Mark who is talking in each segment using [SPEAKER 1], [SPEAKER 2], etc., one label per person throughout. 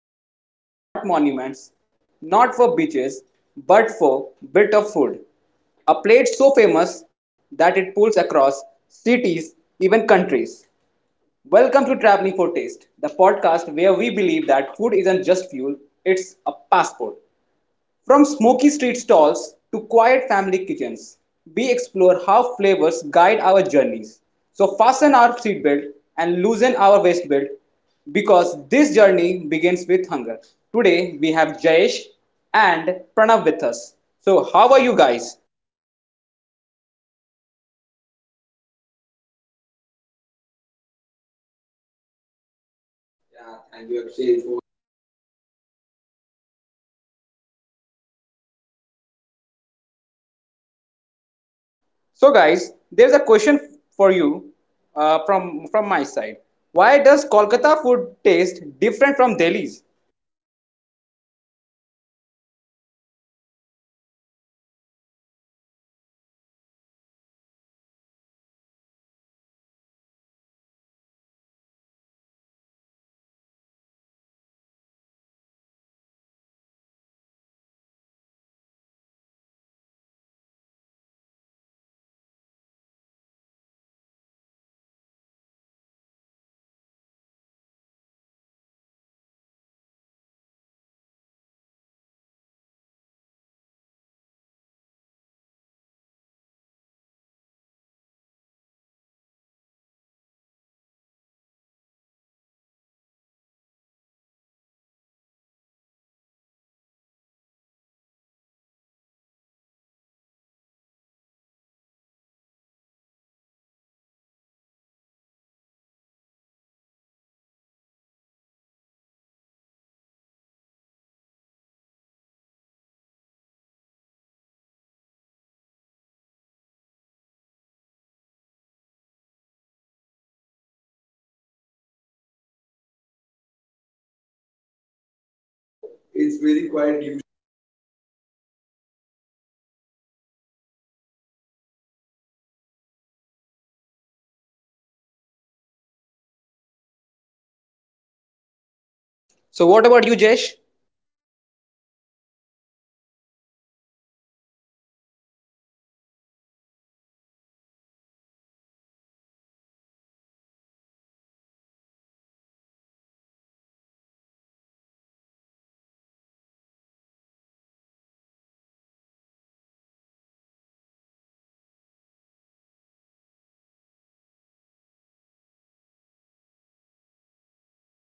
[SPEAKER 1] traveled for not monuments, not for beaches, but for bit of food? A plate so famous that it pulls across cities, even countries. Welcome to Traveling for Taste, the podcast where we believe that food isn't just fuel, it's a passport. From smoky street stalls to quiet family kitchens, we explore how flavors guide our journeys. So fasten our seatbelt and loosen our waistbelt because this journey begins with hunger. Today we have Jayesh and Pranav with us. So how
[SPEAKER 2] So,
[SPEAKER 1] are you
[SPEAKER 2] how?
[SPEAKER 1] guys?
[SPEAKER 2] Thank
[SPEAKER 3] You
[SPEAKER 2] you
[SPEAKER 3] for
[SPEAKER 2] for
[SPEAKER 3] introducing.
[SPEAKER 2] introducing. We are good going, and it's nice to be here.
[SPEAKER 3] Yeah, thank you, Akshay, for inviting us to this interesting podcast. So we are good. So we are good to go.
[SPEAKER 1] So guys, there's a question for you from my side. Why does Kolkata food taste different from Delhi's?
[SPEAKER 2] It's because of the water, I guess.
[SPEAKER 3] So from
[SPEAKER 2] so,
[SPEAKER 3] my
[SPEAKER 2] from uh,
[SPEAKER 3] end, I was telling that I used to travel a lot. So we can see in Kolkata and Delhi, they are share different kinds of people. Their perspectives, their culture, and their heritage are so much different and vast. So we can see in Delhi, they is famous for non-veg as like we can see more of Al Farm Chicken and other biryani places in Delhi. But we when we go to Kolkata, we can see chaat, batura, paratha, like that. We can see most of the streets of Kolkata is filled with chaat and other pani puri, masala puri, bel puri kinds of stuff. But in Delhi, we can see the entire opposite thing, just like people are craving for eating chicken biryani. So nowadays we I just recently visited Delhi. So I can see that people are eagerly waiting to eat mutton halim. So it's a very famous dish, you guys should know it. It's from Kashmir, so the originator is Kashmir, but now it's very popular in Delhi that people are craving to take a bite from it. So it's very quite usual that the Kolkata's food are very different from Delhi. So not Delhi and Kolkata. If we can see every state of this country, India, there are having different taste of food.
[SPEAKER 1] So what
[SPEAKER 2] so
[SPEAKER 1] about
[SPEAKER 2] what
[SPEAKER 1] you,
[SPEAKER 2] about you?
[SPEAKER 1] Jayesh?
[SPEAKER 2] So, as Pranav mentioned, that there are quite different types of food for every state, every place in India. And also, I believe that I forgot to mention one of my favorite food, which is basically kathi roll. Ah, I just love the kathi roll. And in you can see in Delhi there are like variations in food. They are adapting new types of food variations, whether if it's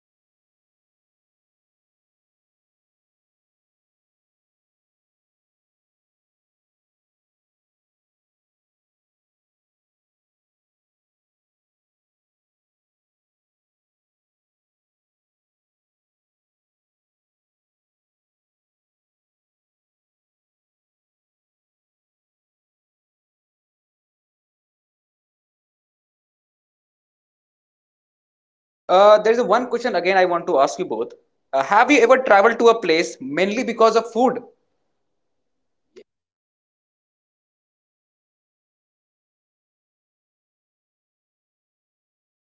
[SPEAKER 2] Fanta in Maggie, whether if it's cheese in Maggie. And apart from this, Kolkata is mostly like a inherited food, right? And apart from this, if we talk about Delhi, there are plenty of options from plenty of places and from plenty of tastes again. So I'm very inclined with the same thing that Pranav I mentioned that there's a very much difference in culture, food types, and critics as well.
[SPEAKER 1] There is one question again I want to ask you both. Have you ever traveled to a place mainly because of food?
[SPEAKER 3] For me, sure. So I just travel to Tamil Nadu.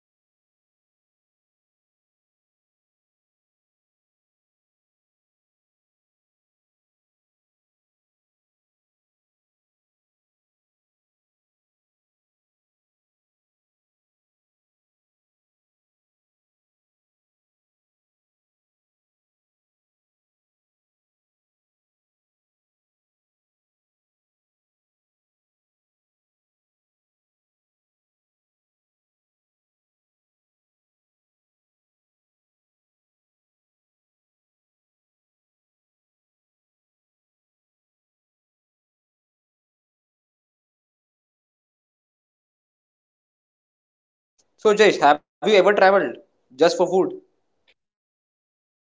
[SPEAKER 3] So it's my nearby state. So I'm from Kerala. So I just traveled to Tamil Nadu only for tasting mutton biryani. So the mutton biryani is very famous in Tamil Nadu. I just went for Dindukal. Dindigal. It was a place in Tamil Nadu. So it's situated near Madura, Madura district. So I just went for Dindigal to taste only that famous biryani, the, which name is Dindigal Talapagatti biryani, which was very famous around there. So after that I tried bun parota. So it was mainly originated in Tamil Nadu. So we are all familiar with parota, but like in bun parota, so it's very quite unique to Tamil Nadu.
[SPEAKER 1] So, Jesh, have you ever traveled
[SPEAKER 2] Just
[SPEAKER 1] just
[SPEAKER 2] for
[SPEAKER 1] for
[SPEAKER 2] food.
[SPEAKER 1] food?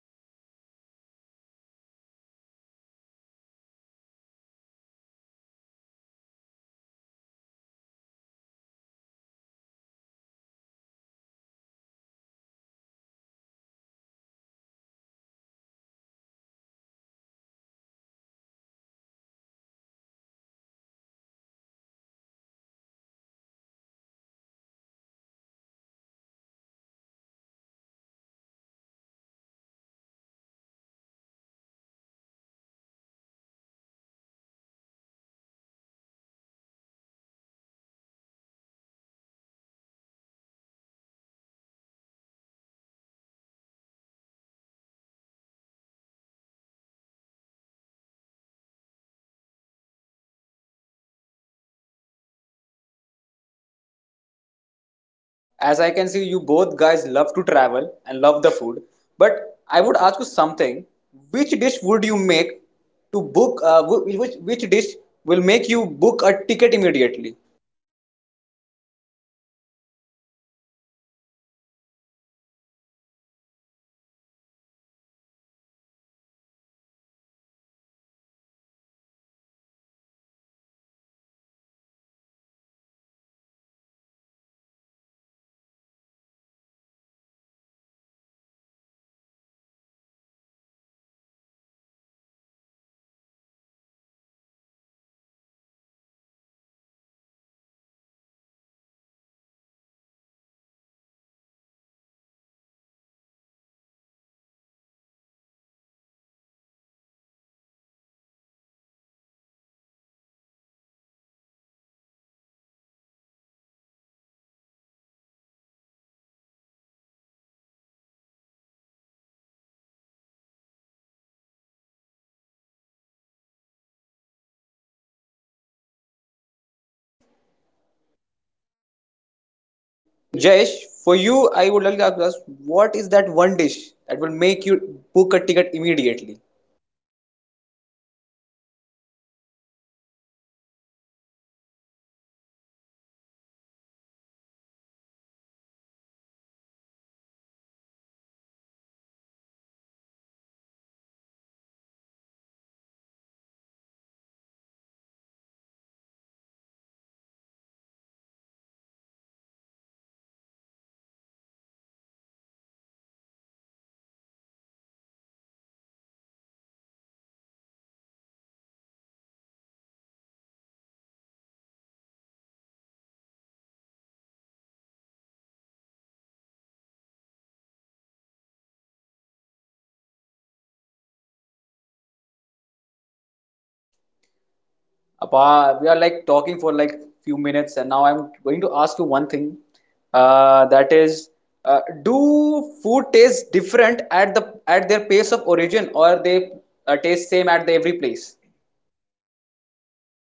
[SPEAKER 2] Yes, I do have that. I'm from the I'm a North guy, but if we talk about food, I just love Mumbaikar food. I just love Mumbaikar food, and I just love misal pav. It's very famous in the north area of Mumbai. And apart from that, I love eating breads. So I'm very much loving the process of it, the making process. And there's a particular place in Bombay which serves pa- masala pav with misal. And misal is basically based on a tikha chutney, which is known as the spicy mixture of bland spices and along with that some sort of gravy. And some part of the Bombay, they use coconut as well in the gravy. And it's basically a mixed spices with a flavorless bread and some butter on it.
[SPEAKER 1] As I can see, you both guys love to travel and love the food. But I would ask you something. Which dish would you make to book? Which dish will make you book a ticket immediately?
[SPEAKER 3] So for me, I would like to book a ticket to Delhi to eat the famous biryani which is available in near that Hazrat Nizamuddin Dargah. So, so I was visited 2 3 times at that street. So which I know it's a Salim biryani, which was available there. It was very popular among people. So if we get to eat a biryani to take a bite, we have to wait more than 30 minutes to get our biryani. So it which is very famous there that people are, it's very crowded. At the evening time also that place is filled with people to eat, to take a bite, to grab, to parcel, everything. So people are craving to eat biryani from that selling biryani center. So I would, as you asked, I would book my ticket to eat that biryani. Jayesh?
[SPEAKER 1] Jesh,
[SPEAKER 2] If
[SPEAKER 1] for you, I would like to ask what is that one dish that will make you book a ticket immediately?
[SPEAKER 2] For me, being as a vegetarian, there are very less options in the north side. But apart from that, if we talk about booking a ticket immediately, that would be like for me that would be dum aloo, and for that I'll be going to Kashmir. It's very famous dish for Kashmiri Pandits. They have a long, long, long legacy for it. They just cook beautiful meal like paneer, like aloo, and a lot of things. I just love Kashmiri dum aloo. I just love Kashmiri dum aloo, and they use their own growth chilies in it and some sort of blunt spices, which is which basically leads me to the heaven.
[SPEAKER 1] Apa, we are like talking for like few minutes, and now I'm going to ask you one thing. That is, do food taste different at their place of origin, or they taste same at the every place?
[SPEAKER 3] So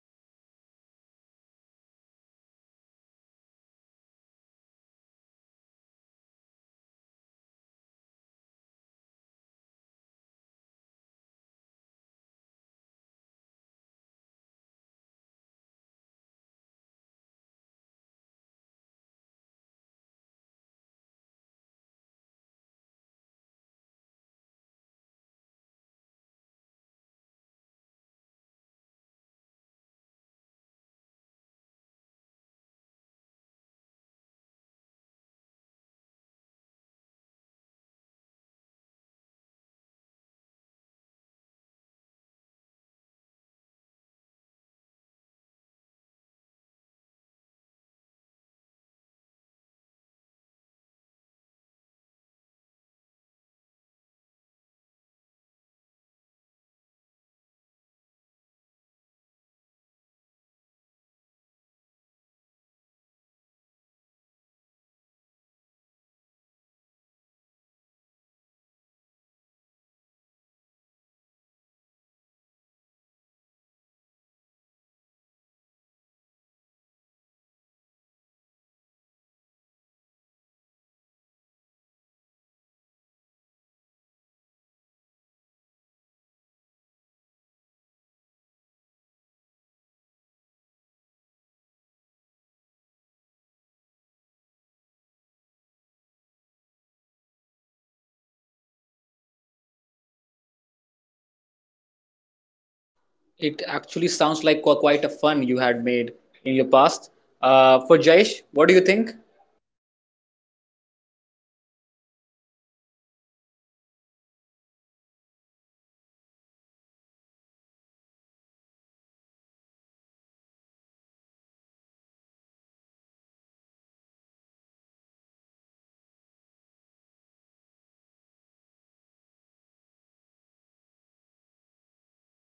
[SPEAKER 3] for me it's different. For every region, every place, the food tastes different. So we can see that Maggi is very popular in India. Have you ever tried Maggi in a very cold place? So I'm asking to you guys: have you ever tried Maggi while traveling to Manali, or visited Munnar in Kerala, or Kodaikanal in Tamil Nadu? In hill stations, Maggi feels so different than we making Maggi at home. So while we are making Maggi at home, we only need few ingredients like Maggi masala and some guys use onion, tomato, just like that. So with all these ingredients, the ingredients will be same at that place also, in Kodaikanal, in Munnar, in every place. When we went to Kasol also we tried Maggi. So it's, the ingredients are same but the taste very different. So according to place and surroundings nature, the food feels very different from the origin. So some of my friends like to eat food without plate. They just use rocks while we are trekking on the mountains. Some of my friends used to eat on the rocks. They just put all the food items into a rock. They just, first they have to clean it, so after that they just put the, all the food items on the rock. After they eat one by one. So it's a another phase of happiness for them. So for me, in in every place where where we go, the food tastes different according to the nature. It
[SPEAKER 1] It actually
[SPEAKER 3] actually
[SPEAKER 1] sounds
[SPEAKER 3] sounds like
[SPEAKER 1] like
[SPEAKER 3] quite
[SPEAKER 1] quite a
[SPEAKER 3] a
[SPEAKER 1] fun
[SPEAKER 3] fun you
[SPEAKER 1] you had
[SPEAKER 3] had made.
[SPEAKER 1] made in your past. For Jayesh, what do you think?
[SPEAKER 2] As of for me, it's very very important to get knowledge about origin of the food. And as we see that in India, we have 29 different states along with that some territories. So if we talk about food, every state has their own specific food, which is basically a banger of each state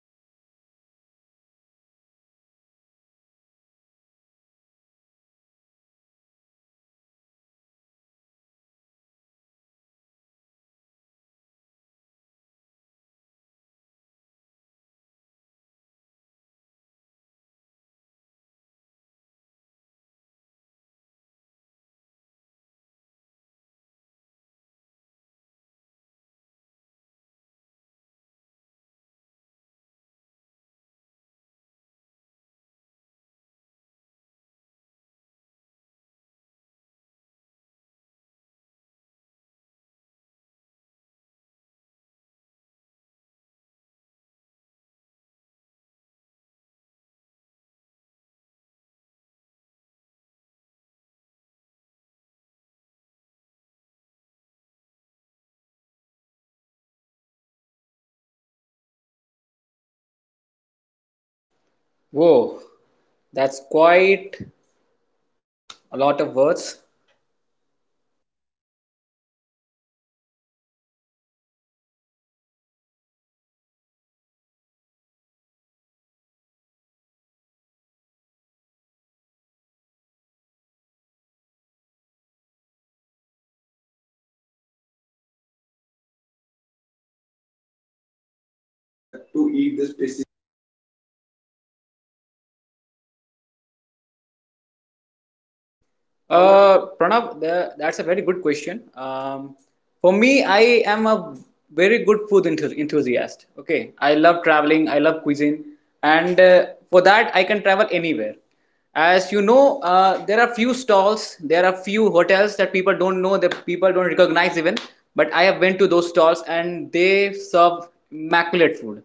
[SPEAKER 2] and like for my personal experience, according to my personal experience, I would love to mention that there is a place in Lucknow and they have the inheritance in it. They serve shahi tukda. It's just a piece of bread but loaded with a lot of love, a lot of taste, and a lot of amount of gesture in it. It's basically a fried bread piece that serves with some heavy cream and some cashews, some pistas. It's basically a mouthful of happiness and it's very tasteful. So, what I feel personally, I have eaten Shahi Tukra in many places apart from Lucknow, apart from UP. But the taste in Lucknow, that a particular uh, leniency based food, it's basically one of my favorite. Just because of the origin of the place, it has that authenticity, it has that taste, it has that truthness, truthness as well.
[SPEAKER 3] Whoa.
[SPEAKER 1] Whoa, that's quite a lot of words.
[SPEAKER 3] So Akshay, I have something to ask you. So you are just asking us so many questions about. So
[SPEAKER 2] So
[SPEAKER 3] what
[SPEAKER 2] what
[SPEAKER 3] was
[SPEAKER 2] was?
[SPEAKER 3] your experience? So
[SPEAKER 2] So
[SPEAKER 3] have you
[SPEAKER 2] have you ever?
[SPEAKER 3] ever traveled for a specific food item, or to eat something from your, far from your home? Have you ever gone somewhere to eat the specific or, oh, specific food item or specific food? Our.
[SPEAKER 2] I would
[SPEAKER 1] Pranav, that's a very good question. For me, I am a very good food enthusiast. Okay, I love traveling, I love cuisine, and for that, I can travel anywhere. As you know, there are few stalls, there are few hotels that people don't know, that people don't recognize even. But I have went to those stalls, and they serve immaculate food.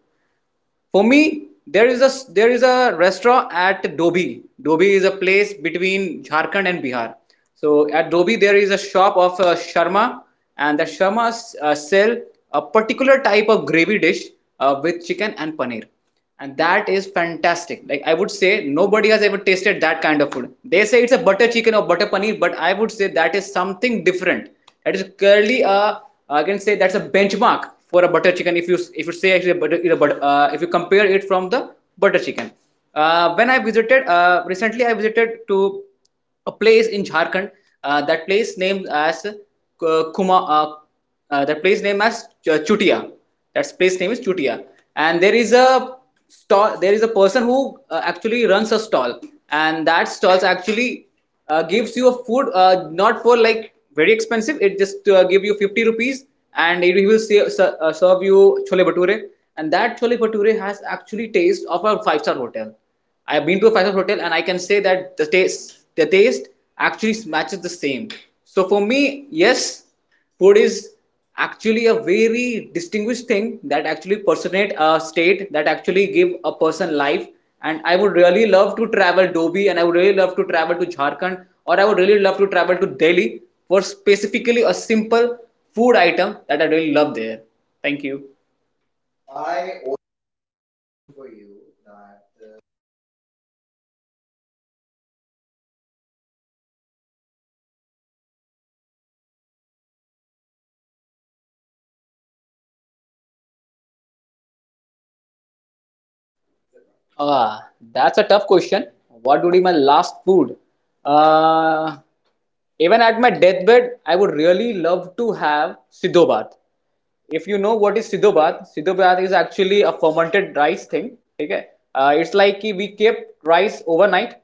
[SPEAKER 1] For me, there is a restaurant at Dobi. Dobi is a place between Jharkhand and Bihar. So at Dobi there is a shop of Sharma, and the Sharma sell a particular type of gravy dish with chicken and paneer, and that is fantastic. Like I would say nobody has ever tasted that kind of food. They say it's a butter chicken or butter paneer, but I would say that is something different. That is clearly a, I can say that's a benchmark for a butter chicken. If you, if you say actually butter, if you compare it from the butter chicken, when I visited recently, I visited to a place in Jharkhand. That place named as Kuma. That place named as Chutia. That place name is Chutia, and there is a stall. There is a person who actually runs a stall, and that stalls actually gives you a food not for like very expensive. It just give you 50 rupees, and it will serve you chole bhature, and that chole bhature has actually taste of a five-star hotel. I have been to a five-star hotel and I can say that the taste actually matches the same. So for me, yes, food is actually a very distinguished thing that actually personate a state, that actually give a person life. And I would really love to travel Dobi, and I would really love to travel to Jharkhand, or I would really love to travel to Delhi for specifically a simple food item that I really love there. Thank you.
[SPEAKER 2] I also have a question for you that you have asked a lot of questions from us and we are just enjoying from that. I just want to ask if it would be the last meal of your life, what it could be for you.
[SPEAKER 1] Ah, that's a tough question. What would be my last food? Uh, Even at my deathbed, I would really love to have Siddho Bhat. If you know what is Siddho Bhat, Siddho Bhat is actually a fermented rice thing. Okay? It's like we kept rice overnight,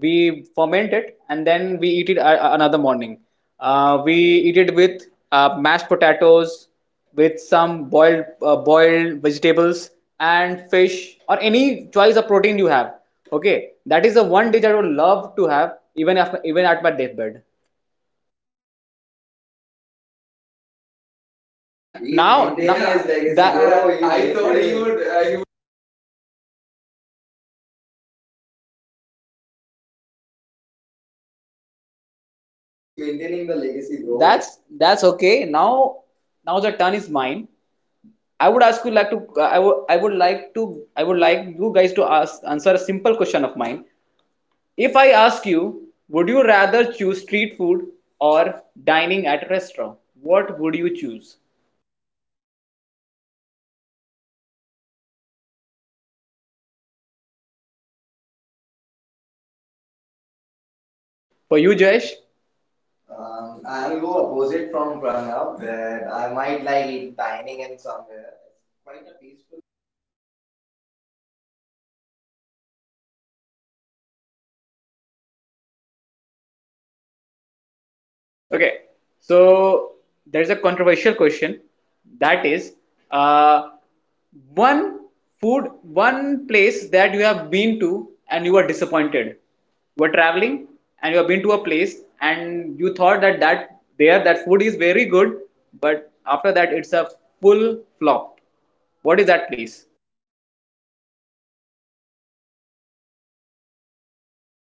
[SPEAKER 1] we ferment it, and then we eat it another morning. We eat it with mashed potatoes, with some boiled vegetables and fish or any choice of protein you have. Okay, that is the one dish I would love to have even after, even at my deathbed.
[SPEAKER 2] That's so sweet of you. You
[SPEAKER 3] Yeah,
[SPEAKER 2] yeah, are,
[SPEAKER 3] that's so
[SPEAKER 2] that's so
[SPEAKER 3] good to
[SPEAKER 2] good to
[SPEAKER 3] hear,
[SPEAKER 2] hear,
[SPEAKER 3] man.
[SPEAKER 2] man.
[SPEAKER 3] He is
[SPEAKER 2] He's Ah,
[SPEAKER 1] Now,
[SPEAKER 3] maintaining,
[SPEAKER 1] now
[SPEAKER 3] yeah,
[SPEAKER 2] maintaining
[SPEAKER 3] his
[SPEAKER 2] his
[SPEAKER 3] legacy.
[SPEAKER 2] legacy, yeah.
[SPEAKER 3] Yeah.
[SPEAKER 2] bro.
[SPEAKER 1] that
[SPEAKER 2] He's
[SPEAKER 3] I
[SPEAKER 2] I
[SPEAKER 3] thought
[SPEAKER 2] thought maintaining. He
[SPEAKER 1] would.
[SPEAKER 2] would,
[SPEAKER 3] he
[SPEAKER 2] I
[SPEAKER 3] would
[SPEAKER 2] would
[SPEAKER 3] say
[SPEAKER 2] say
[SPEAKER 3] like
[SPEAKER 2] like
[SPEAKER 3] I
[SPEAKER 2] I
[SPEAKER 3] want to
[SPEAKER 2] want to
[SPEAKER 3] eat
[SPEAKER 2] eat
[SPEAKER 3] the
[SPEAKER 2] the
[SPEAKER 3] food
[SPEAKER 2] food
[SPEAKER 3] that
[SPEAKER 2] that
[SPEAKER 3] was
[SPEAKER 2] was
[SPEAKER 3] made by
[SPEAKER 2] made by
[SPEAKER 3] my
[SPEAKER 2] my
[SPEAKER 3] mother
[SPEAKER 2] mother
[SPEAKER 3] or
[SPEAKER 2] or something.
[SPEAKER 3] something.
[SPEAKER 2] He's maintaining the legacy, bro.
[SPEAKER 1] That's
[SPEAKER 2] Yes.
[SPEAKER 1] that's okay. Now, now the turn is mine. I would ask you like to. I would like to. I would like you guys to ask answer a simple question of mine. If I ask you, would you rather choose street food or dining at a restaurant? What would you choose?
[SPEAKER 3] so for me, I would I ho- I only have one answer for this question. I'll choose street food. For
[SPEAKER 1] For
[SPEAKER 3] you,
[SPEAKER 1] you, Jayesh,
[SPEAKER 3] Jayesh?
[SPEAKER 2] I'll go opposite from Pranav that I might like dining in somewhere. It's quite a peaceful for me. But I also like sometimes I like street food as well. But for the opportunity you have given me, I would like to choose a dining.
[SPEAKER 1] okay, so there's a controversial question, that is, uh, one food, one place that you have been to and you were disappointed. You were traveling and you have been to a place and you thought that there that food is very good, but after that it's a full flop. What is that place?
[SPEAKER 3] So I would basically say Delhi. So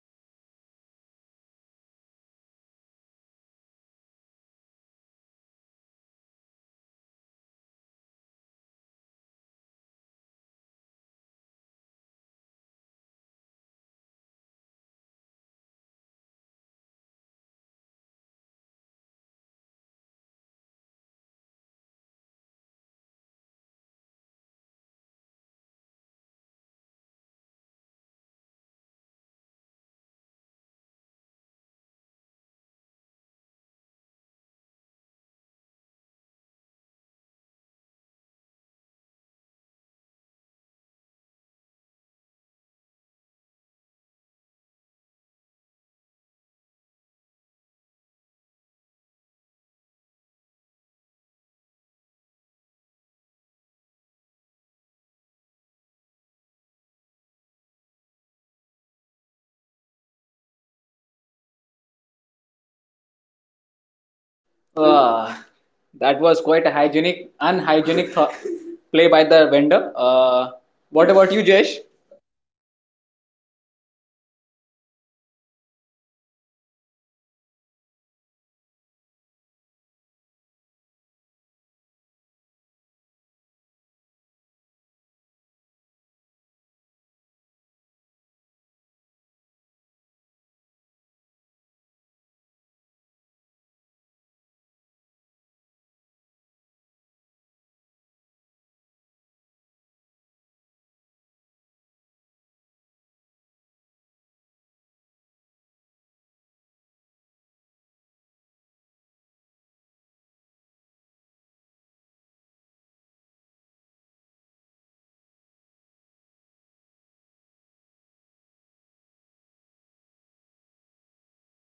[SPEAKER 3] first I will say like, so I was very curious. I am from South. So North India is quite new for me. So I was just very high with Delhi chicken and butter chicken, all kind of that stuff. So I travel alone to Delhi to try some cuisine, some exotic Delhi unique dishes. But once I get there, I was just shocked. So there is an old guy who was making chicken fry, and we can see he is holding a beedi in his hand, and he is frying chicken. So the first impression of me was, what the, hey, what? So where the hell am I? So I was like, I was planning to try some unique dishes from Delhi, and I was very disappointed that a guy who is very famous on social media is holding a BD on his hand and cooking chicken with another hand. He is just swapping BDs one to another and just cooking chicken with it. So.
[SPEAKER 1] Uh,
[SPEAKER 3] That
[SPEAKER 1] that
[SPEAKER 2] It
[SPEAKER 1] was
[SPEAKER 2] was
[SPEAKER 1] quite a
[SPEAKER 2] quite a
[SPEAKER 1] hygienic,
[SPEAKER 2] hygienic.
[SPEAKER 1] unhygienic thought play by the vendor. What
[SPEAKER 2] So
[SPEAKER 1] about you,
[SPEAKER 2] What you
[SPEAKER 1] Jesh?
[SPEAKER 2] just? First thing I need to mention the experience of Pranav. I'm so sorry for you. I'm feeling very bad for you guys. So, according to me, it's again Delhi. I went to a place, it's very famous. There's a guy who sells chola kulcha on his stall. But it's like for Delhi people, chola kulcha is like emotion, right? It's very famous. Even in my birthplace is Jaipur and I live in Jaipur. Chola kulcha is very famous there. And they mention in their card that Delhi ka mashhoor chola kulcha. And when I went to Delhi, there was a very unhygienic exposure of chola culture everywhere. You can find it on every street, literally on every street. But the thing is, 90% of them are just making it for like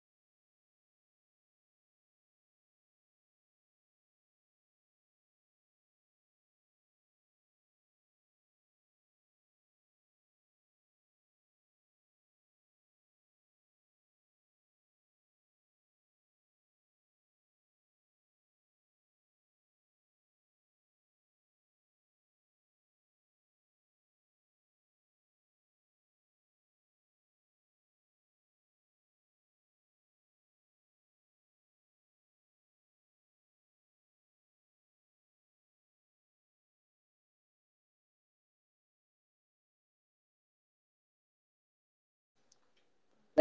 [SPEAKER 2] living purpose. They are just doing it for earning something. They don't know how does it actually taste. They don't know how the mixes are made. But eventually, I appreciate their work. But for me, it's very common to eat chola kulcha. And when I went to Delhi, the taste doesn't match that kind of vibe with old Delhi vibe. Yeah. So I went to old Delhi, that scene was different, but in a new baby session, if I say, that was one of the worst experience. I was very very much curious about the food, but after having it, I was almost done with chola kulcha.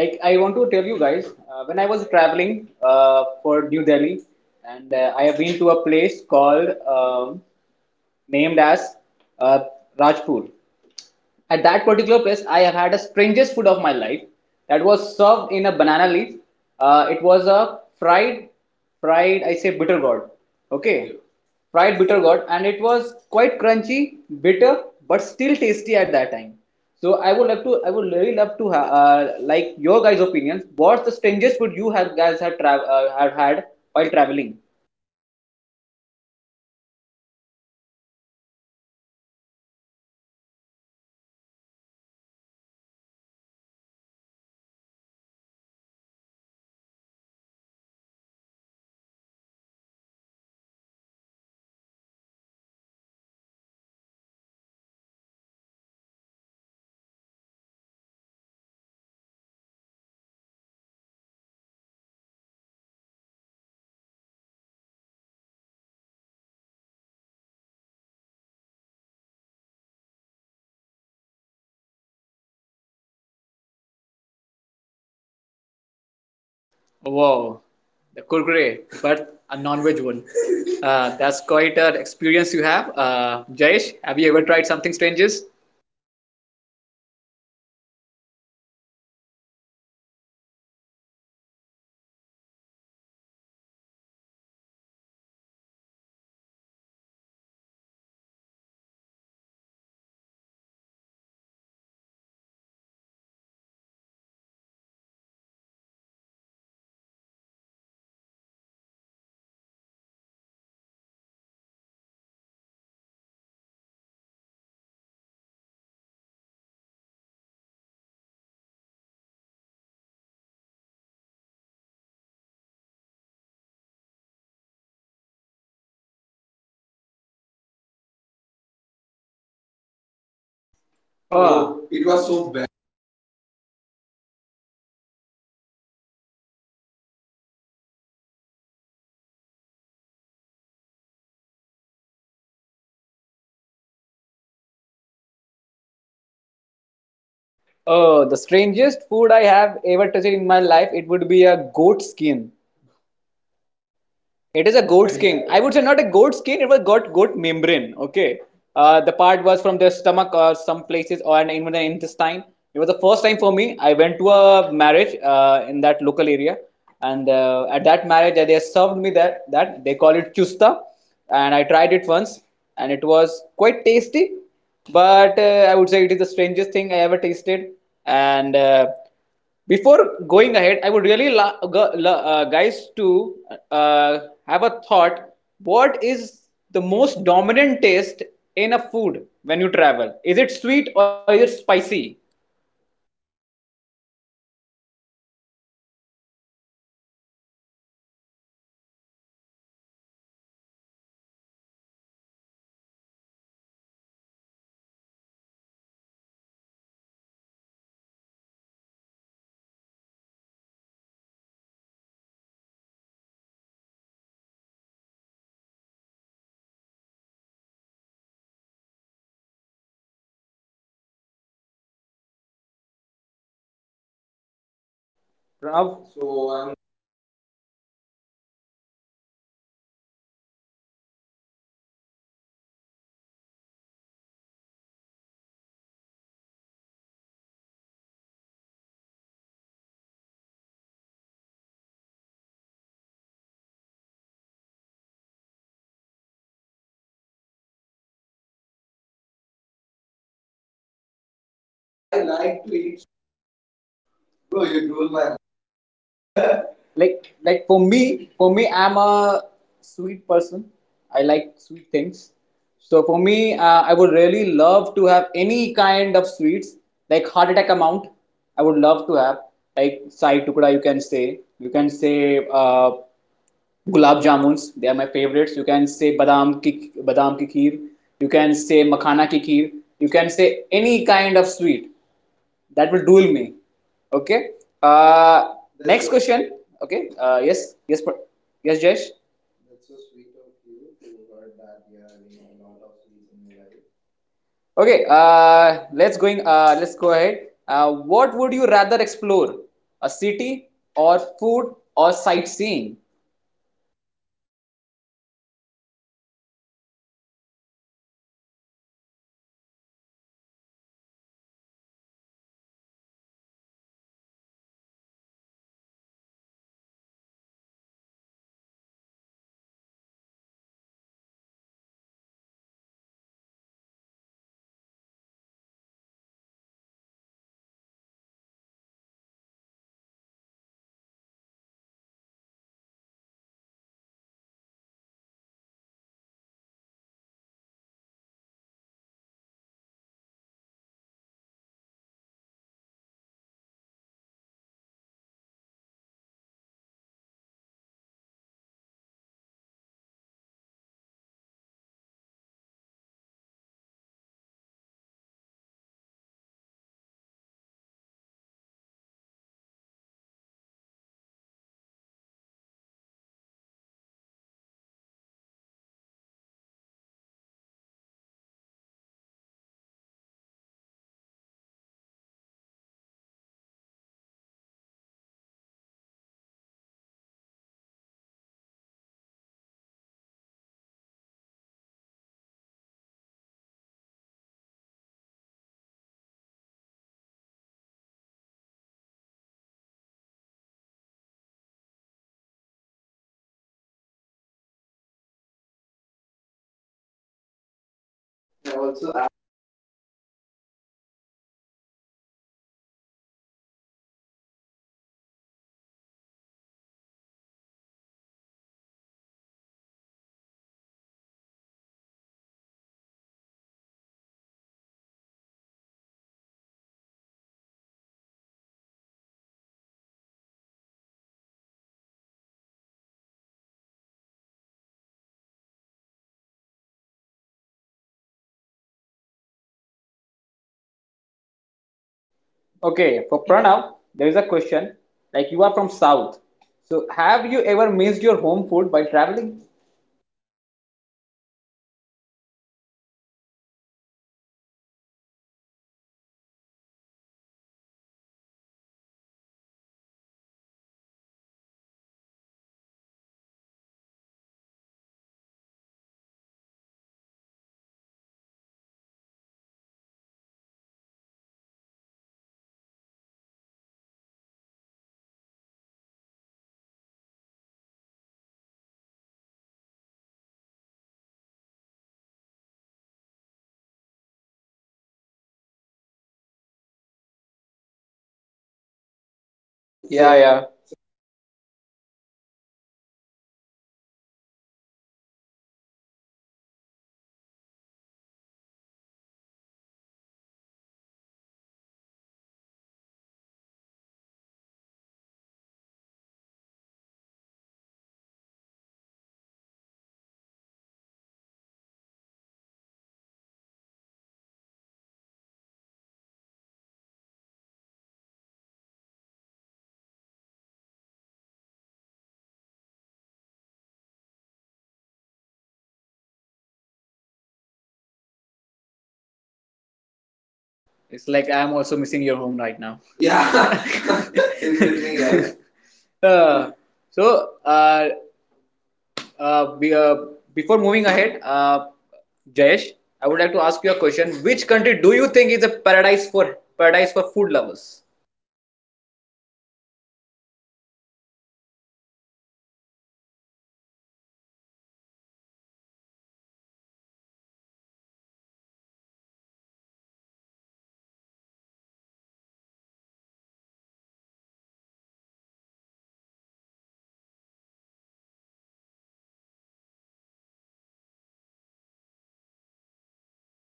[SPEAKER 1] I
[SPEAKER 3] I
[SPEAKER 1] want
[SPEAKER 3] want
[SPEAKER 1] to
[SPEAKER 3] to tell
[SPEAKER 1] tell you
[SPEAKER 3] you guys.
[SPEAKER 1] guys, when I was traveling for New Delhi, and I have been to a place called um, named as uh, Rajpur. At that particular place, I have had a strangest food of my life that was served in a banana leaf. It was a fried, fried, I say bitter gourd. Okay, fried bitter gourd, and it was quite crunchy, bitter, but still tasty at that time. So I would really love to like your guys' opinions. What's the strangest food you have guys have have had while traveling?
[SPEAKER 3] So, for me, it's quite embarrassing to say, it, but for me, it's grasshopper. so I had from Nagaland. It's the most strangest food. So my mom and dad also asked me that how can people eat grasshoppers? So first, I, it was disgusting for me also, but I like to try new things. So that's why I tried grasshopper once, and it tastes like it's a little bit crunchy. It's like we are eating kurkure. so for me, it's the strangest food item I ever tasted in my life.
[SPEAKER 1] Oh,
[SPEAKER 3] Wow.
[SPEAKER 1] wow, the kurkure, but a non-veg one. That's quite an experience you have. Jayesh, have you ever tried something strangest?
[SPEAKER 2] It was the strangest for me as well. Even if I live in Rajasthan, we people do do eat a lot of papad, khinchia papad especially. But there is a street on in Raja Park, lane number one. There's a guy on cycle. He sells papad with pizza fusion, and I personally don't like it because it was having different sort of flavors, different sort of uh culinary chutney like mints and a lot of things. So I personally don't like the mixes. It's actually different thing are for different type of food. And he mixed it everything. It was type of khichdi for me. I went to eat papad. I got khichdi instead of it.
[SPEAKER 1] Oh,
[SPEAKER 3] It
[SPEAKER 1] it
[SPEAKER 3] was
[SPEAKER 1] was
[SPEAKER 3] so
[SPEAKER 1] so bad.
[SPEAKER 3] bad. Bad. I'm so feeling very sorry about for you, Jay. So Akshay, so I want to ask you, you're from Jharkhand, Ranchi, right? So okay, what is the strangest food item you have ever tasted in your life?
[SPEAKER 1] Oh,
[SPEAKER 3] Oh,
[SPEAKER 1] the
[SPEAKER 3] the
[SPEAKER 1] strangest
[SPEAKER 3] strangest
[SPEAKER 1] food
[SPEAKER 3] food.
[SPEAKER 1] I have ever touched in my life, it would be a goat skin. It is a goat skin. I would say not a goat skin. It was got goat membrane. Okay. The part was from their stomach or some places or even the intestine. It was the first time for me. I went to a marriage in that local area, and at that marriage they served me that, that they call it chusta, and I tried it once, and it was quite tasty. But I would say it is the strangest thing I ever tasted. And. Before going ahead, I would really guys to uh, have a thought. What is the most dominant taste in a food when you travel? Is it sweet or is it spicy?
[SPEAKER 2] For me, guys, it's basically the spices. I love Hyderabadi or any type of biryani. There are different type of biryanis, Muradabadi, Hyderabadi, Lucknowi, but they all make it in different types of process, different type of work process. And I personally like spicy food, and that would be surely dominating for me because when it about spices, I just rule my mouth every time I got.
[SPEAKER 1] Pranav?
[SPEAKER 3] So I'm going with Jay. So I like spicy food because particularly I'm from South. So South people like spicy food all most of the time. So I was more into spice than sweet. So I would like to, if I get a pani puri also. So a sweet one, I will try to make it more spicier. So I can enjoy it very much. So I like to eat spice food.
[SPEAKER 2] Bro, you drool my mouth again.
[SPEAKER 1] Like for me, for me, I'm a sweet person. I like sweet things. So for me, I would really love to have any kind of sweets, like heart attack amount. I would love to have like sai tukda, you can say. You can say, uh, gulab jamuns, they are my favorites. You can say badam ki kheer. You can say makhana ki kheer. You can say any kind of sweet that will duel me. Okay. uh
[SPEAKER 2] Uh,
[SPEAKER 1] Next question. Okay. Uh yes yes yes, Jayesh.
[SPEAKER 2] yes. That's so sweet of you to heard that you're having a lot of sweets in your life.
[SPEAKER 1] Okay, let's go ahead. What would you rather explore? A city or food or sightseeing?
[SPEAKER 3] So for me, I would rather try new something, new types of foods, so rather than seeing city, because of me food was everything. So I started, I love traveling, so I like, I love to see new places, new culture, new people, met with new people. And I used to travel alone most of the time. So because of that I have more time to taste various kinds of food, so explore new kinds of food items like. So I'm love to travel. So at that time also I love to eat very much. So in that period of my, I just travel continuously. I just travel for 8 months across India. So I prefer walking more than taking buses, cabs, or something like that. I prefer walking. So I love to eat new, different kinds of dishes. So coming to north, I love to eat pani puri and chaat. It's my favorite one. So in south side, I would prefer biryani, dosa, and mutton curry. It's my favorite. So for sightseeing, come. Let us. Akshay just asked me about if food or sightseeing. I prefer food.
[SPEAKER 2] I also agree with Pranav that sightseeing is like a visiting thing and traveling adventurous thing. But food could be more adventurous for me, having different kind of flavors, different kind of story behind it, and actually very interesting for me to get to know the logic behind the food, the story behind the food, and sometimes we just got to know that there is a particular story behind the food. So I just love to hear it first, then I would love to have the side first, but it's about if it's about the food, I'll go with the food.
[SPEAKER 1] Okay, for Pranav, there is a question. Like, you are from south, so have you ever missed your home food while traveling?
[SPEAKER 3] So what kind of question is this, man? So I would really miss my home food, homely food. So I have, I am coming from a joint family. So there are more than 15 members. So in my house. So
[SPEAKER 2] So
[SPEAKER 3] most
[SPEAKER 2] most
[SPEAKER 3] of
[SPEAKER 2] of
[SPEAKER 3] them
[SPEAKER 2] them
[SPEAKER 3] were
[SPEAKER 2] were.
[SPEAKER 3] women. So everybody knows how to cook, and they prepare me different kinds of foods. So in Kerala, we so I'm from Kerala. So you guys are all familiar with Onam, right? Yes,
[SPEAKER 2] Yes,
[SPEAKER 3] it's, yes, we,
[SPEAKER 2] yes, we
[SPEAKER 3] ah,
[SPEAKER 2] Ah,
[SPEAKER 3] do.
[SPEAKER 2] do.
[SPEAKER 3] Yeah, it's a,
[SPEAKER 1] Yeah,
[SPEAKER 3] yeah, a,
[SPEAKER 1] yeah.
[SPEAKER 3] yeah, it's a famous festival in Kerala. At that time, so our house is filled with different types of cuisines. So for one rice, we have 18 different types of
[SPEAKER 2] Yeah, big
[SPEAKER 3] curries for.
[SPEAKER 2] score.
[SPEAKER 3] So bro, so
[SPEAKER 2] Bro,
[SPEAKER 3] just
[SPEAKER 2] Just bro,
[SPEAKER 3] imagine,
[SPEAKER 2] best.
[SPEAKER 3] bro, bro,
[SPEAKER 2] Bro,
[SPEAKER 3] that's
[SPEAKER 2] that's
[SPEAKER 3] why,
[SPEAKER 2] why,
[SPEAKER 3] that's
[SPEAKER 2] that's
[SPEAKER 3] so
[SPEAKER 2] so why.
[SPEAKER 3] wild. So for one particular rice, we have 18 types of curry. So at the end, the guy who was eating is served with sweet payasam. So just think about it. So where, wherever I go, whenever I try new different things, I really miss my homely food.
[SPEAKER 1] It's
[SPEAKER 3] It's
[SPEAKER 1] like
[SPEAKER 3] like
[SPEAKER 1] I'm
[SPEAKER 3] I'm
[SPEAKER 1] also
[SPEAKER 3] also
[SPEAKER 1] missing
[SPEAKER 3] missing
[SPEAKER 1] your
[SPEAKER 3] your
[SPEAKER 1] home
[SPEAKER 3] home
[SPEAKER 1] right
[SPEAKER 3] right
[SPEAKER 1] now.
[SPEAKER 3] now. Yeah.
[SPEAKER 2] Yeah.
[SPEAKER 1] Yeah.
[SPEAKER 3] Same
[SPEAKER 2] Same
[SPEAKER 3] with
[SPEAKER 2] with
[SPEAKER 3] me,
[SPEAKER 2] me,
[SPEAKER 3] guys.
[SPEAKER 2] guys.
[SPEAKER 1] uh, so uh, Uh, be, uh, Before moving ahead, Jayesh, I would like to ask you a question. Which country do you think is a paradise for paradise for food lovers?
[SPEAKER 2] It's like there are a couple of country, if I say, first I'll go with my home country. Obviously, it's India. We have plenty of options for food, veg, non-veg, for vegetarians, for vegans. We have plant-based food. We have non-veg. We have a very versatility in food, right? And apart from that, if we talk about food,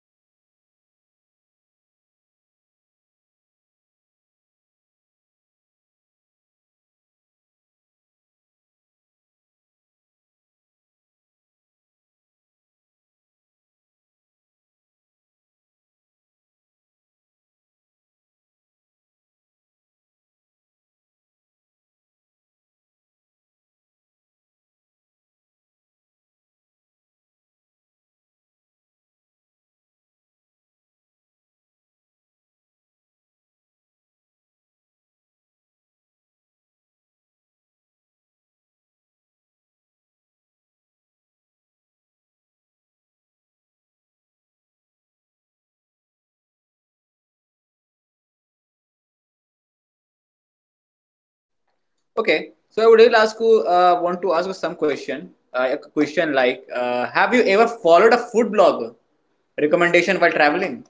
[SPEAKER 2] I actually like the Italian culture. It's very quite same with the Indian one, but they have originated their food like heaven. They have tomatoes, they have carrots, they have shallots, they have spices mix, they have soups, puree, and they have very versatility in food, same as India. And they have never shied with their food. They just eat without any guilt free. They have even some of the food from Italy has only the place of origin where they can be grown. In other states, in other places, they cannot be grown. Just like that a particular cheese called Parmigiano Reggiano, if you may have heard of it.
[SPEAKER 1] Okay, so I would really ask you, want to ask you some question. A question like, have you ever followed a food blog
[SPEAKER 2] But
[SPEAKER 1] recommendation while
[SPEAKER 2] traveling
[SPEAKER 1] traveling?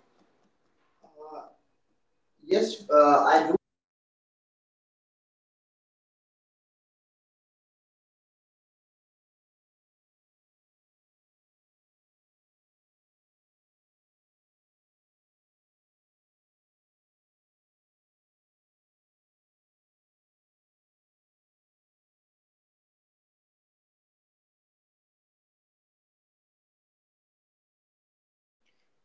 [SPEAKER 2] Yes, I do have that. There is a guy Tushar. He is actually a food blogger in Delhi. I like last month only I went to Delhi and I followed a couple of suggestions of his, and they were quite good. They were quite interesting, but it was not that up to mark. But always he's a good blogger, and I always follow him. So being an experienced person, it was quite a decent experience for that.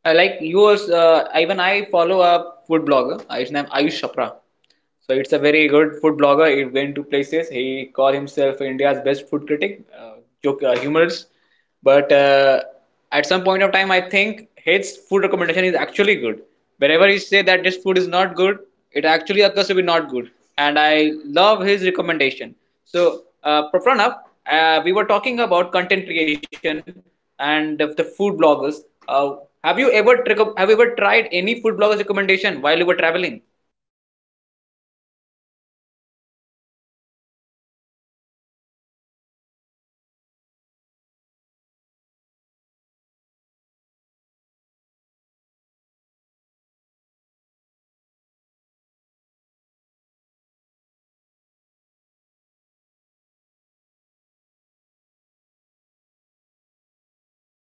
[SPEAKER 1] Like yours, even I follow a food blogger. His name Ayush Chopra. So it's a very good food blogger. He went to places. He called himself India's best food critic, joke humorist. But at some point of time, I think his food recommendation is actually good. Wherever he say that this food is not good, it actually occurs to be not good. And I love his recommendation. So, Prapranab, we were talking about content creation and the food bloggers. Uh, have you ever have you ever tried any food bloggers recommendation while you were traveling?
[SPEAKER 3] So basically, I don't like those guys. So in my opinion, so I really don't like food bloggers. So there are really honest ones in food vlogging and traveling. So basically, I just don't like the YouTube guys.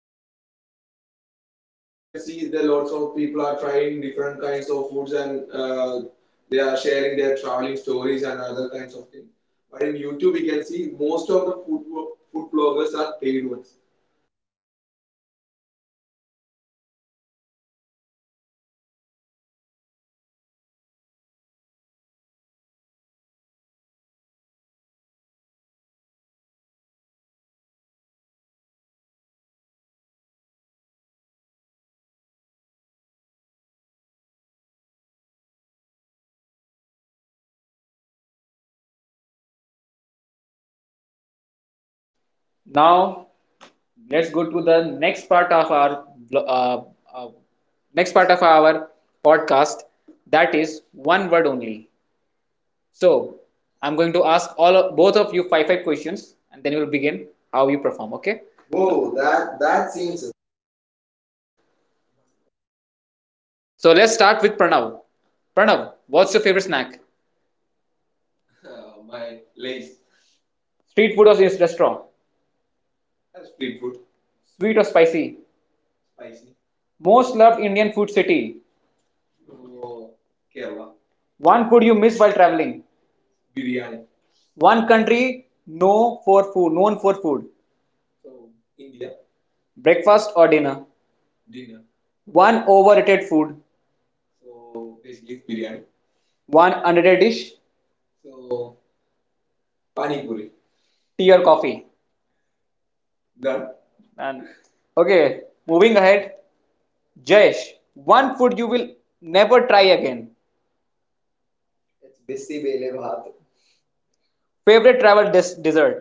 [SPEAKER 3] So in Instagram nowadays we
[SPEAKER 1] You
[SPEAKER 3] can
[SPEAKER 1] can
[SPEAKER 3] see
[SPEAKER 1] see
[SPEAKER 3] there
[SPEAKER 1] there
[SPEAKER 3] lots
[SPEAKER 1] lots
[SPEAKER 3] of
[SPEAKER 1] of
[SPEAKER 3] people
[SPEAKER 1] people
[SPEAKER 3] are
[SPEAKER 1] are
[SPEAKER 3] trying
[SPEAKER 1] trying
[SPEAKER 3] different
[SPEAKER 1] different
[SPEAKER 3] kinds
[SPEAKER 1] kinds
[SPEAKER 3] of
[SPEAKER 1] of
[SPEAKER 3] foods,
[SPEAKER 1] foods, and
[SPEAKER 3] and they
[SPEAKER 1] they
[SPEAKER 3] are
[SPEAKER 1] are
[SPEAKER 3] sharing
[SPEAKER 1] sharing
[SPEAKER 3] their
[SPEAKER 1] their
[SPEAKER 3] traveling
[SPEAKER 1] traveling
[SPEAKER 3] stories
[SPEAKER 1] stories
[SPEAKER 3] and
[SPEAKER 1] and
[SPEAKER 3] other
[SPEAKER 1] other
[SPEAKER 3] kinds
[SPEAKER 1] kinds
[SPEAKER 3] of
[SPEAKER 1] of things.
[SPEAKER 3] things. But
[SPEAKER 1] But
[SPEAKER 3] in
[SPEAKER 1] in
[SPEAKER 3] YouTube,
[SPEAKER 1] YouTube,
[SPEAKER 3] we
[SPEAKER 1] we
[SPEAKER 3] can
[SPEAKER 1] can
[SPEAKER 3] see
[SPEAKER 1] see
[SPEAKER 3] most
[SPEAKER 1] most
[SPEAKER 3] of
[SPEAKER 1] of
[SPEAKER 3] the
[SPEAKER 1] the food
[SPEAKER 3] food
[SPEAKER 1] food
[SPEAKER 3] vloggers
[SPEAKER 1] bloggers
[SPEAKER 3] are
[SPEAKER 1] are
[SPEAKER 3] paid
[SPEAKER 1] paid
[SPEAKER 3] ones.
[SPEAKER 1] ones.
[SPEAKER 3] They are just taking money from the hotels and other restaurants, and they're just promoting their food. So for me, the food bloggers are much, oh, I don't like them really. So there are few quite real ones in the trend right now, but most of them are taking money from the owners of the restaurants, and they're promoting the foods. Now,
[SPEAKER 1] Now let's go to the next part of our uh, uh, next part of our podcast. That is one word only. So I'm going to ask both of you five five questions and then we'll begin how you perform. Okay.
[SPEAKER 2] Whoa, that seems interesting.
[SPEAKER 1] So let's start with Pranav. Pranav, what's your favorite snack?
[SPEAKER 3] my
[SPEAKER 1] My lace.
[SPEAKER 3] lace.
[SPEAKER 1] Street
[SPEAKER 3] Street,
[SPEAKER 1] food or restaurant?
[SPEAKER 3] street
[SPEAKER 1] Street
[SPEAKER 3] food.
[SPEAKER 1] food. Sweet
[SPEAKER 3] Sweet
[SPEAKER 1] or
[SPEAKER 3] or spicy?
[SPEAKER 1] spicy? Spicy.
[SPEAKER 3] Spicy.
[SPEAKER 1] Most
[SPEAKER 3] Most
[SPEAKER 1] loved
[SPEAKER 3] loved
[SPEAKER 1] Indian
[SPEAKER 3] Indian
[SPEAKER 1] food
[SPEAKER 3] food city.
[SPEAKER 1] city. Oh,
[SPEAKER 3] So,
[SPEAKER 1] Kerala.
[SPEAKER 3] Kerala.
[SPEAKER 1] One
[SPEAKER 3] One
[SPEAKER 1] food
[SPEAKER 3] food
[SPEAKER 1] you
[SPEAKER 3] you miss
[SPEAKER 1] miss while
[SPEAKER 3] while traveling.
[SPEAKER 1] traveling.
[SPEAKER 3] It's biryani.
[SPEAKER 1] Biryani. One
[SPEAKER 3] One country
[SPEAKER 1] country known
[SPEAKER 3] no
[SPEAKER 1] for
[SPEAKER 3] for
[SPEAKER 1] food,
[SPEAKER 3] food, known
[SPEAKER 1] known
[SPEAKER 3] for
[SPEAKER 1] for food.
[SPEAKER 3] food.
[SPEAKER 1] So,
[SPEAKER 3] So,
[SPEAKER 1] India.
[SPEAKER 3] India.
[SPEAKER 1] Breakfast
[SPEAKER 3] Breakfast
[SPEAKER 1] or
[SPEAKER 3] or
[SPEAKER 1] dinner.
[SPEAKER 3] dinner.
[SPEAKER 1] Dinner.
[SPEAKER 3] Dinner.
[SPEAKER 1] One
[SPEAKER 3] One
[SPEAKER 1] overrated
[SPEAKER 3] overrated food.
[SPEAKER 1] food.
[SPEAKER 3] So,
[SPEAKER 1] So,
[SPEAKER 3] basically,
[SPEAKER 1] basically,
[SPEAKER 3] it's biryani.
[SPEAKER 1] biryani. One
[SPEAKER 3] One
[SPEAKER 1] underrated
[SPEAKER 3] underrated
[SPEAKER 1] dish.
[SPEAKER 3] dish. So,
[SPEAKER 1] So, pani
[SPEAKER 3] pani puri.
[SPEAKER 1] puri. Tea
[SPEAKER 3] Tea
[SPEAKER 1] or
[SPEAKER 3] or coffee.
[SPEAKER 1] coffee?
[SPEAKER 3] None.
[SPEAKER 1] Done.
[SPEAKER 3] None.
[SPEAKER 1] None. Okay,
[SPEAKER 3] okay, moving
[SPEAKER 1] moving ahead.
[SPEAKER 3] ahead.
[SPEAKER 1] Jayesh,
[SPEAKER 3] Jayesh,
[SPEAKER 1] one food you will never try again.
[SPEAKER 2] It's bisi bele bhat.
[SPEAKER 1] Favorite travel
[SPEAKER 2] Dessert?
[SPEAKER 1] dessert,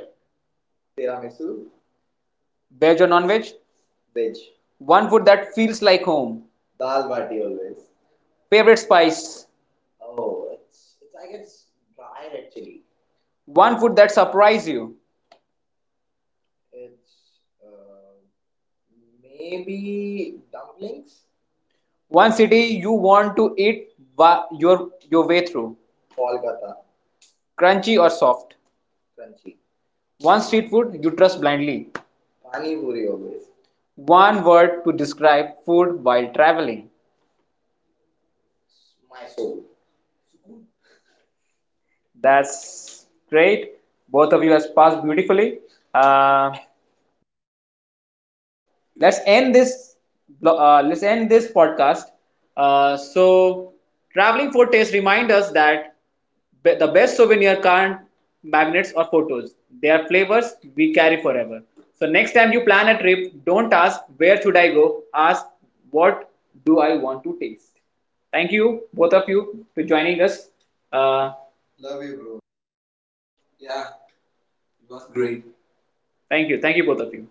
[SPEAKER 2] Tiramisu.
[SPEAKER 1] veg
[SPEAKER 2] Veg
[SPEAKER 1] or
[SPEAKER 2] or non
[SPEAKER 1] non-veg?
[SPEAKER 2] veg? Veg.
[SPEAKER 1] One
[SPEAKER 2] One food
[SPEAKER 1] food that
[SPEAKER 2] that
[SPEAKER 1] feels
[SPEAKER 2] feels
[SPEAKER 1] like
[SPEAKER 2] like home.
[SPEAKER 1] home.
[SPEAKER 2] Dal bati always. Favorite
[SPEAKER 1] Favorite
[SPEAKER 2] spice?
[SPEAKER 1] spice,
[SPEAKER 2] Oh, it's I guess drier actually. One
[SPEAKER 1] one
[SPEAKER 2] food
[SPEAKER 1] food
[SPEAKER 2] that
[SPEAKER 1] that
[SPEAKER 2] surprised
[SPEAKER 1] surprise
[SPEAKER 2] you.
[SPEAKER 1] you.
[SPEAKER 2] It's maybe dumplings.
[SPEAKER 1] One
[SPEAKER 2] One city
[SPEAKER 1] city you
[SPEAKER 2] you
[SPEAKER 1] want
[SPEAKER 2] want to
[SPEAKER 1] to
[SPEAKER 2] eat
[SPEAKER 1] eat
[SPEAKER 2] ba- your, your
[SPEAKER 1] your
[SPEAKER 2] way
[SPEAKER 1] way
[SPEAKER 2] through.
[SPEAKER 1] through,
[SPEAKER 2] Kolkata. Crunchy
[SPEAKER 1] crunchy or
[SPEAKER 2] or soft.
[SPEAKER 1] soft.
[SPEAKER 2] Crunchy.
[SPEAKER 1] One
[SPEAKER 2] One street
[SPEAKER 1] street
[SPEAKER 2] food
[SPEAKER 1] food you
[SPEAKER 2] you trust
[SPEAKER 1] trust
[SPEAKER 2] blindly.
[SPEAKER 1] blindly.
[SPEAKER 2] Pani puri always. One
[SPEAKER 1] One
[SPEAKER 2] word
[SPEAKER 1] word
[SPEAKER 2] to
[SPEAKER 1] to
[SPEAKER 2] describe
[SPEAKER 1] describe
[SPEAKER 2] food
[SPEAKER 1] food
[SPEAKER 2] while
[SPEAKER 1] while
[SPEAKER 2] traveling.
[SPEAKER 1] traveling.
[SPEAKER 2] My soul. School.
[SPEAKER 1] That's great. Both of you has passed beautifully. Uh, let's end this. Let's end this podcast. So, traveling for taste reminds us that the best souvenir can't magnets or photos. They are flavors we carry forever. So next time you plan a trip, don't ask where should I go. Ask what do I want to taste. Thank you both of you for joining us. Uh,
[SPEAKER 2] Uh, Love you, bro. Love you.
[SPEAKER 1] Yeah,
[SPEAKER 3] yeah, it
[SPEAKER 1] it was
[SPEAKER 3] was
[SPEAKER 1] great.
[SPEAKER 3] great.
[SPEAKER 1] Thank you. Thank you, both of you.